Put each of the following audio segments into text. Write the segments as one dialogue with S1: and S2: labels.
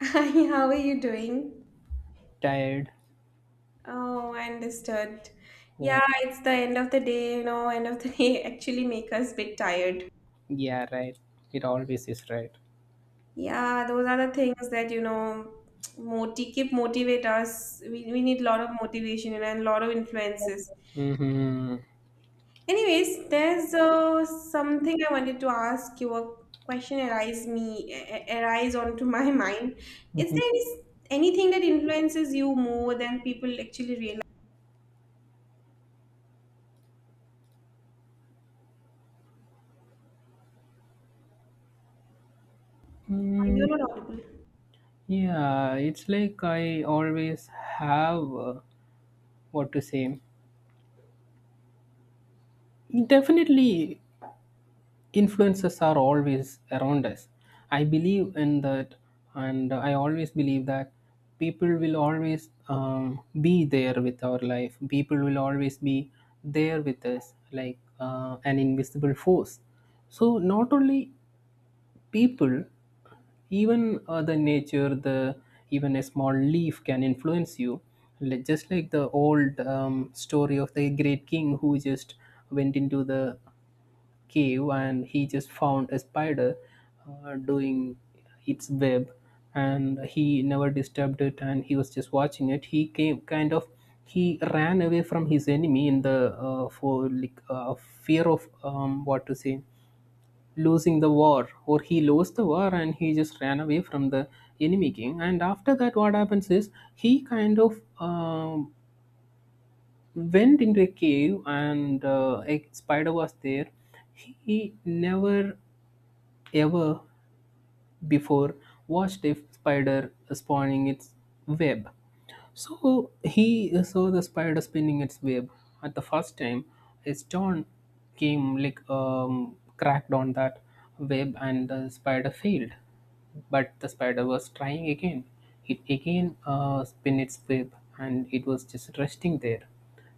S1: Hi, how are you doing?
S2: Tired.
S1: Oh, I understood.
S2: Yeah,
S1: Yeah, it's the end of the day, end of the day actually make us bit tired.
S2: yeah, right. It always is right.
S1: Yeah, those are the things that, moti keep motivate us. We need a lot of motivation and a lot of influences.
S2: Mm-hmm.
S1: Anyways, there's something I wanted to ask you. A question arise me arise onto my mind. Is anything that influences you more than people actually realize?
S2: Mm-hmm.
S1: You're not audible.
S2: Yeah, it's like I always have what to say. Definitely, influences are always around us. I believe in that, and I always believe that people will always be there with our life. People will always be there with us, like an invisible force. So, not only people, even the nature the even a small leaf can influence you. Just like the old story of the great king who just went into the cave, and he just found a spider doing its web. And he never disturbed it, and he was just watching it. He came kind of He ran away from his enemy in the for like fear of what to say, losing the war. Or he lost the war, and he just ran away from the enemy king. And after that, what happens is he kind of went into a cave, and a spider was there. He never ever before watched a spider spawning its web. So he saw the spider spinning its web. At the first time, his stone came, like, cracked on that web, and the spider failed. But the spider was trying again. It again spin its web, and it was just resting there.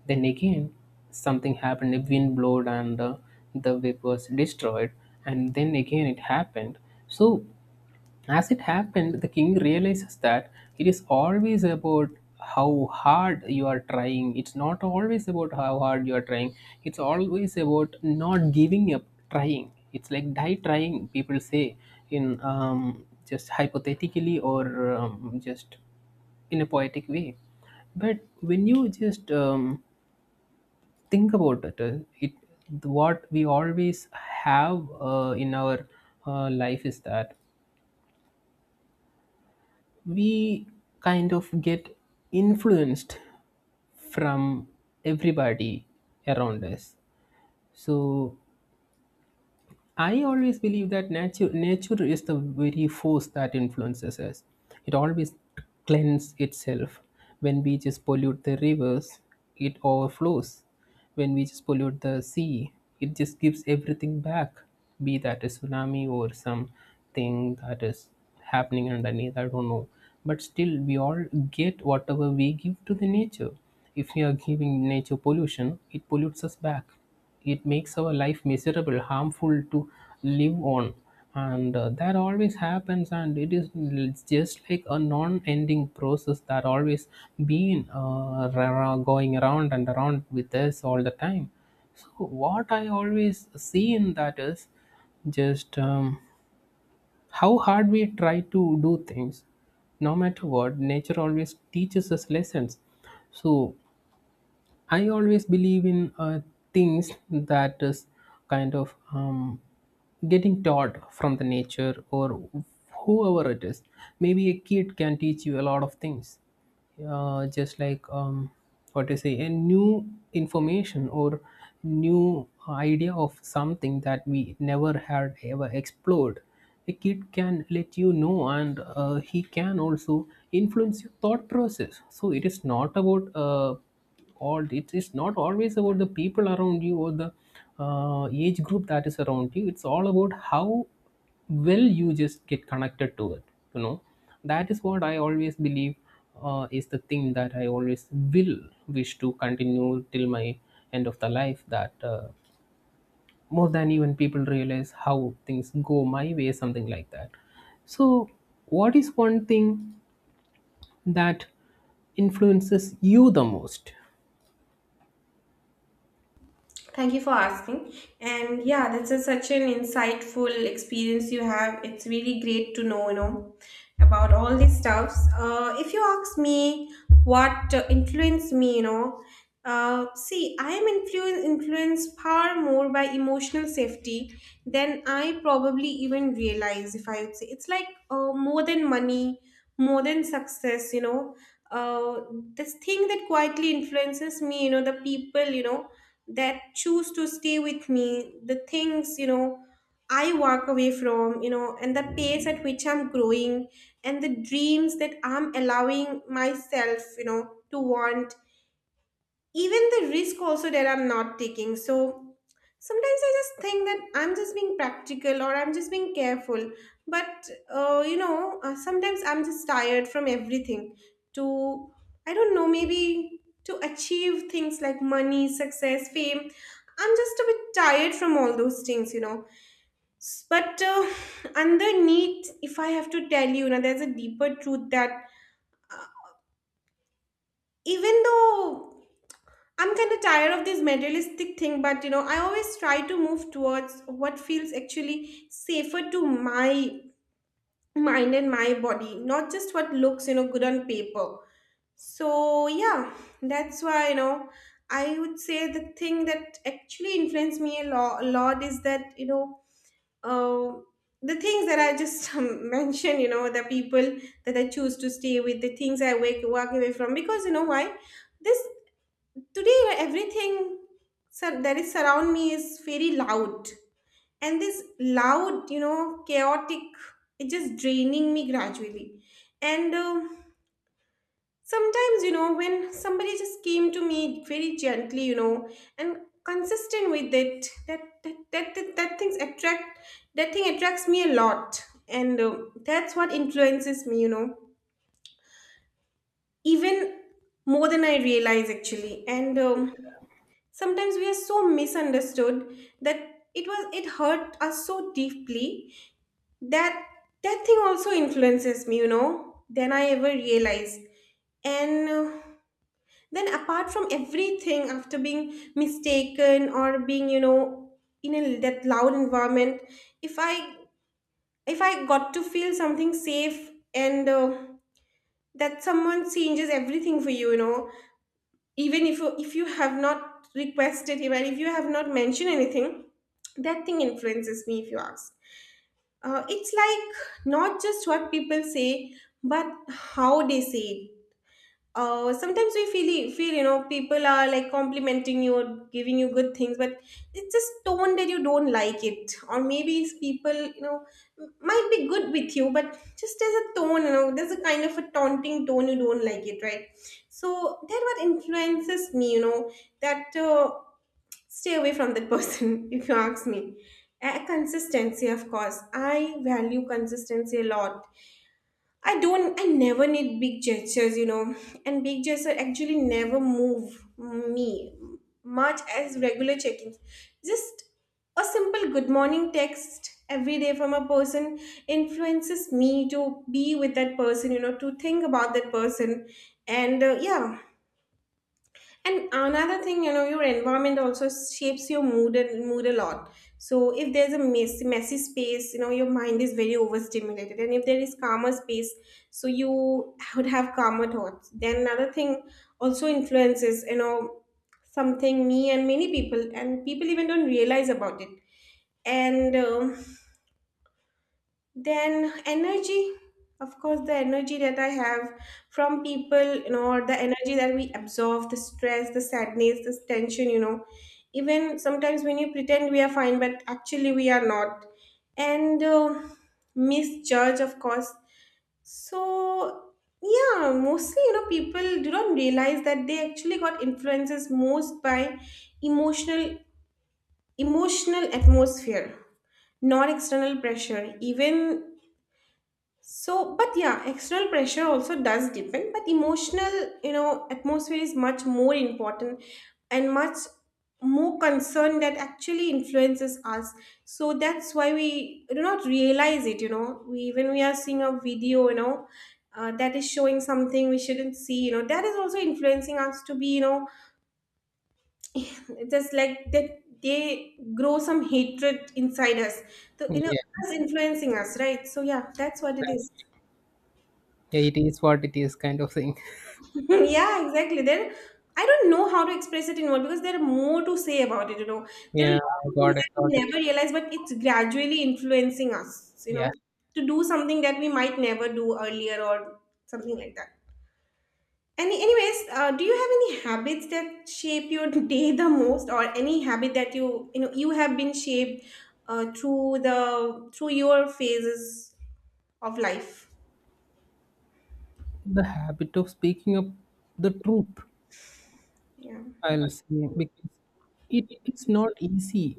S2: Then again, something happened. A wind blowed, and the web was destroyed. And then again, it happened. So as it happened, the king realizes that it is always about how hard you are trying. It's not always about how hard you are trying. It's always about not giving up trying. It's like die trying, people say, in just hypothetically, or just in a poetic way. But when you just think about it, what we always have in our life is that we kind of get influenced from everybody around us. So I always believe that nature is the very force that influences us. It always cleanses itself. When we just pollute the rivers, it overflows. When we just pollute the sea, it just gives everything back, be that a tsunami or something that is happening underneath. I don't know. But still, we all get whatever we give to the nature. If we are giving nature pollution, it pollutes us back. It makes our life miserable, harmful to live on. And that always happens, and it's just like a non-ending process that always been going around and around with us all the time. So what I always see in that is just how hard we try to do things. No matter what, nature always teaches us lessons. So I always believe in things that is kind of getting taught from the nature or whoever it is. Maybe a kid can teach you a lot of things, just like what to say, a new information or new idea of something that we never had ever explored. A kid can let you know, and he can also influence your thought process. So it is not about all it is not always about the people around you, or the age group that is around you. It's all about how well you just get connected to it you know that is what I always believe is the thing that I always will wish to continue till my end of the life, that more than even people realize how things go my way, something like that. So what is one thing that influences you the most?
S1: Thank you for asking. And yeah, such an insightful experience you have. It's really great to know, about all these stuffs. If you ask me what influenced me, see, I am influenced far more by emotional safety than I probably even realize, if I would say. It's like more than money, more than success, you know. Uh, this thing that quietly influences me, the people, that choose to stay with me, the things, I walk away from, and the pace at which I'm growing and the dreams that I'm allowing myself, to want even the risk also that I'm not taking. So sometimes I just think that I'm just being practical or I'm just being careful. But sometimes I'm just tired from everything. To I don't know, maybe to achieve things like money, success, fame. I'm just a bit tired from all those things, you know. But underneath, if I have to tell you, now there's a deeper truth that even though I'm kind of tired of this materialistic thing, but you know, I always try to move towards what feels actually safer to my mind and my body, not just what looks, good on paper. So, yeah, that's why, I would say the thing that actually influenced me a lot is that, uh, the things that I just mentioned, the people that I choose to stay with, the things I walk away from, because you know why? This Today, everything that is surround me is very loud, and this loud, chaotic, it just draining me gradually. And sometimes, when somebody just came to me very gently, and consistent with it, that things attract that thing attracts me a lot, and that's what influences me, even more than I realize actually. And sometimes we are so misunderstood that it hurt us so deeply that that thing also influences me, you know, than I ever realized. And then apart from everything, after being mistaken or being, you know, in that loud environment, if i if I got to feel something safe, and that someone changes everything for you, you know, even if you have not requested, even if you have not mentioned anything, that thing influences me if you ask. It's like not just what people say, but how they say it. Sometimes we feel, you know, people are like complimenting you or giving you good things, but it's just tone that you don't like it. Or maybe it's people, you know, might be good with you, but just as a tone, you know, there's a kind of a taunting tone, you don't like it, right? So that what influences me, you know, that stay away from that person. If you ask me, consistency, of course, I value consistency a lot. I never need big gestures, you know, and big gestures actually never move me much as regular check ins. Just a simple good morning text every day from a person influences me to be with that person, you know, to think about that person. And yeah, and another thing, you know, your environment also shapes your mood a lot. So if there's a messy space, you know, your mind is very overstimulated. And if there is calmer space, so you would have calmer thoughts. Then another thing also influences, you know, something me and many people, and people even don't realize about it. And then energy, of course, the energy that I have from people, you know, or the energy that we absorb, the stress, the sadness, this tension, you know. Even sometimes when you pretend we are fine, but actually we are not. And misjudge, of course. So, yeah, mostly, you know, people do not realize that they actually got influences most by emotional emotional atmosphere, not external pressure even. So, but yeah, external pressure also does depend, but emotional, you know, atmosphere is much more important and much more concerned that actually influences us. So that's why we do not realize it, you know. We When we are seeing a video, you know, that is showing something we shouldn't see, you know, that is also influencing us to be, you know, just like that they grow some hatred inside us. So, you know,
S2: Yeah.
S1: it's influencing us, right? So yeah, that's what it is.
S2: Yeah, it is what it is kind of thing.
S1: Yeah, exactly. There, I don't know how to express it in words because there are more to say about it, you know. There
S2: Yeah,
S1: are a lot of things
S2: got it,
S1: that we
S2: totally.
S1: never realize, but it's gradually influencing us, you
S2: Yeah.
S1: know, to do something that we might never do earlier or something like that. Anyways, do you have any habits that shape your day the most, or any habit that you know, you have been shaped uh, through the through your phases of life?
S2: The habit of speaking up the truth,
S1: Yeah.
S2: I'll say, because it's not easy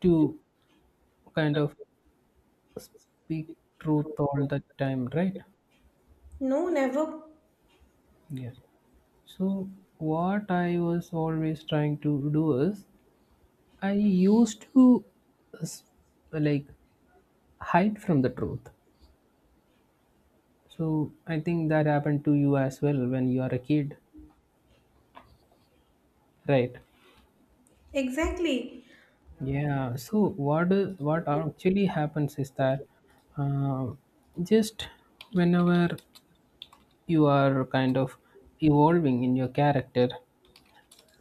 S2: to kind of speak truth all the time, right?
S1: No, never.
S2: Yeah. So what I was always trying to do is I used to s- like hide from the truth. So I think that happened to you as well when you are a kid, right?
S1: Exactly.
S2: Yeah, so what actually happens is that uh, just whenever you are kind of evolving in your character,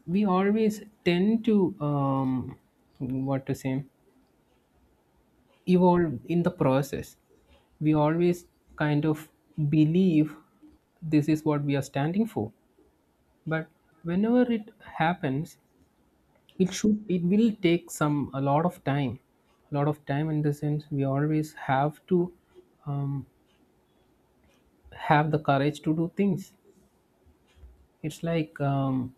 S2: we always tend to what to say evolve in the process. We always kind of believe this is what we are standing for, but whenever it happens, it will take some a lot of time a lot of time. In the sense we always have to um, have the courage to do things. It's like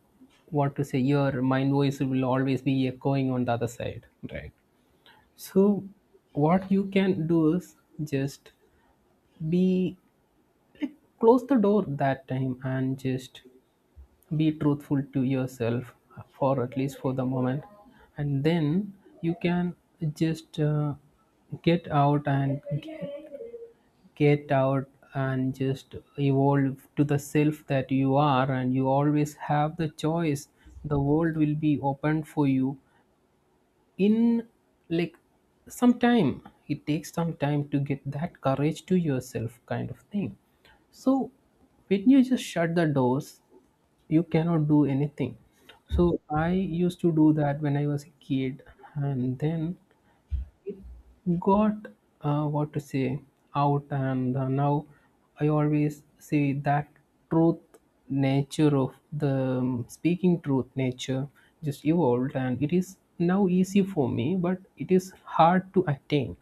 S2: what to say, your mind voice will always be echoing on the other side, right? So what you can do is just be, like, close the door that time, and just be truthful to yourself, for at least for the moment. And then you can just get out, and get out, and just evolve to the self that you are. And you always have the choice. The world will be open for you in, like, some time. It takes some time to get that courage to yourself, kind of thing. So when you just shut the doors, you cannot do anything. So I used to do that when I was a kid. And then it got what to say out, and now I always say that truth nature of the speaking truth nature just evolved, and it is now easy for me, but it is hard to attain.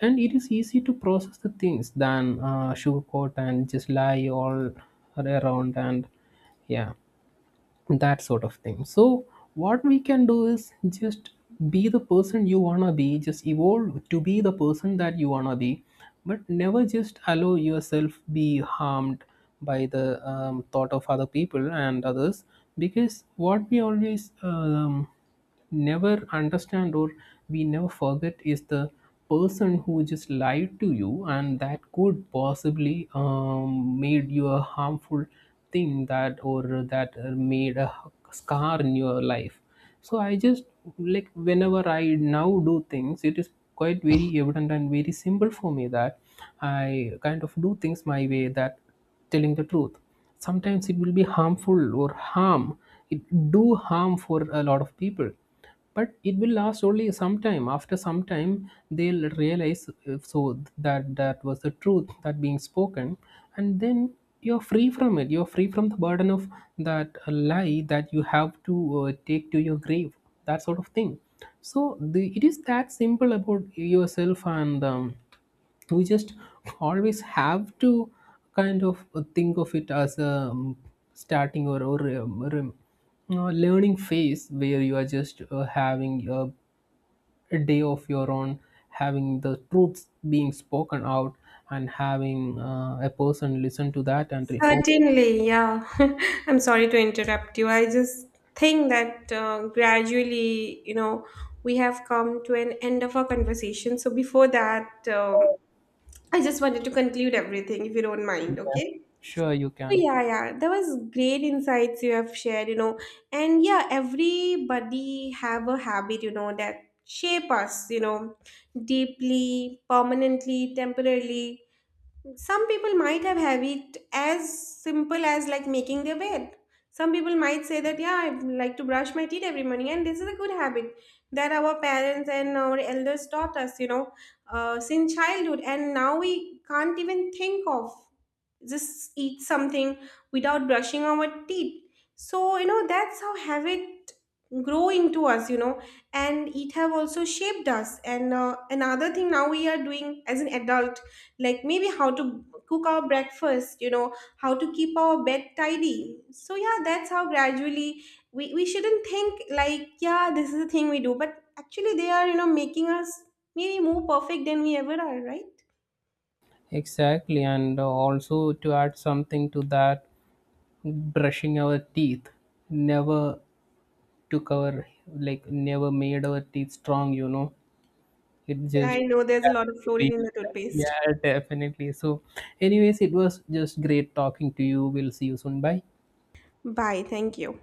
S2: And it is easy to process the things than sugarcoat and just lie all around. And yeah, that sort of thing. So what we can do is just be the person you wanna be. Just evolve to be the person that you wanna be, but never just allow yourself be harmed by the thought of other people and others. Because what we always never understand, or we never forget, is the person who just lied to you, and that could possibly made you a harmful thing, that or that made a scar in your life. So I just, like, whenever I now do things, it is quite very evident and very simple for me that I kind of do things my way, that telling the truth, sometimes it will be harmful, or harm, it do harm for a lot of people. But it will last only some time. After some time, they'll realize, so that, that was the truth that being spoken. And then you're free from it, you're free from the burden of that lie that you have to take to your grave, that sort of thing. So it is that simple about yourself. And we just always have to kind of think of it as a starting or learning phase, where you are just having a day of your own, having the truths being spoken out, and having a person listen to that and reform.
S1: Certainly, yeah. I'm sorry to interrupt you. I just think that gradually, you know, we have come to an end of our conversation. So before that, I just wanted to conclude everything, if you don't mind, okay?
S2: Sure, you
S1: So
S2: can.
S1: yeah, yeah, that was great insights you have shared, you know, and yeah, everybody have a habit, you know, that shape us, you know, deeply, permanently, temporarily, some people might have it as simple as like making their bed. Some people might say that yeah, I like to brush my teeth every morning, and this is a good habit that our parents and our elders taught us, you know, since childhood, and now we can't even think of just eat something without brushing our teeth. So you know that's how habit grow into us, you know, and it have also shaped us. And another thing now we are doing as an adult, like maybe how to cook our breakfast, you know, how to keep our bed tidy. So yeah, that's how gradually we shouldn't think like yeah this is the thing we do, but actually they are, you know, making us maybe more perfect than we ever are, right?
S2: Exactly. And also to add something to that, brushing our teeth never took our like never made our teeth strong. It
S1: Yeah,
S2: just
S1: I know there's a lot
S2: happened
S1: of
S2: to be.
S1: fluorine in the toothpaste.
S2: Yeah, definitely. So anyways, it was just great talking to you. We'll see you soon. Bye.
S1: Bye. Thank you.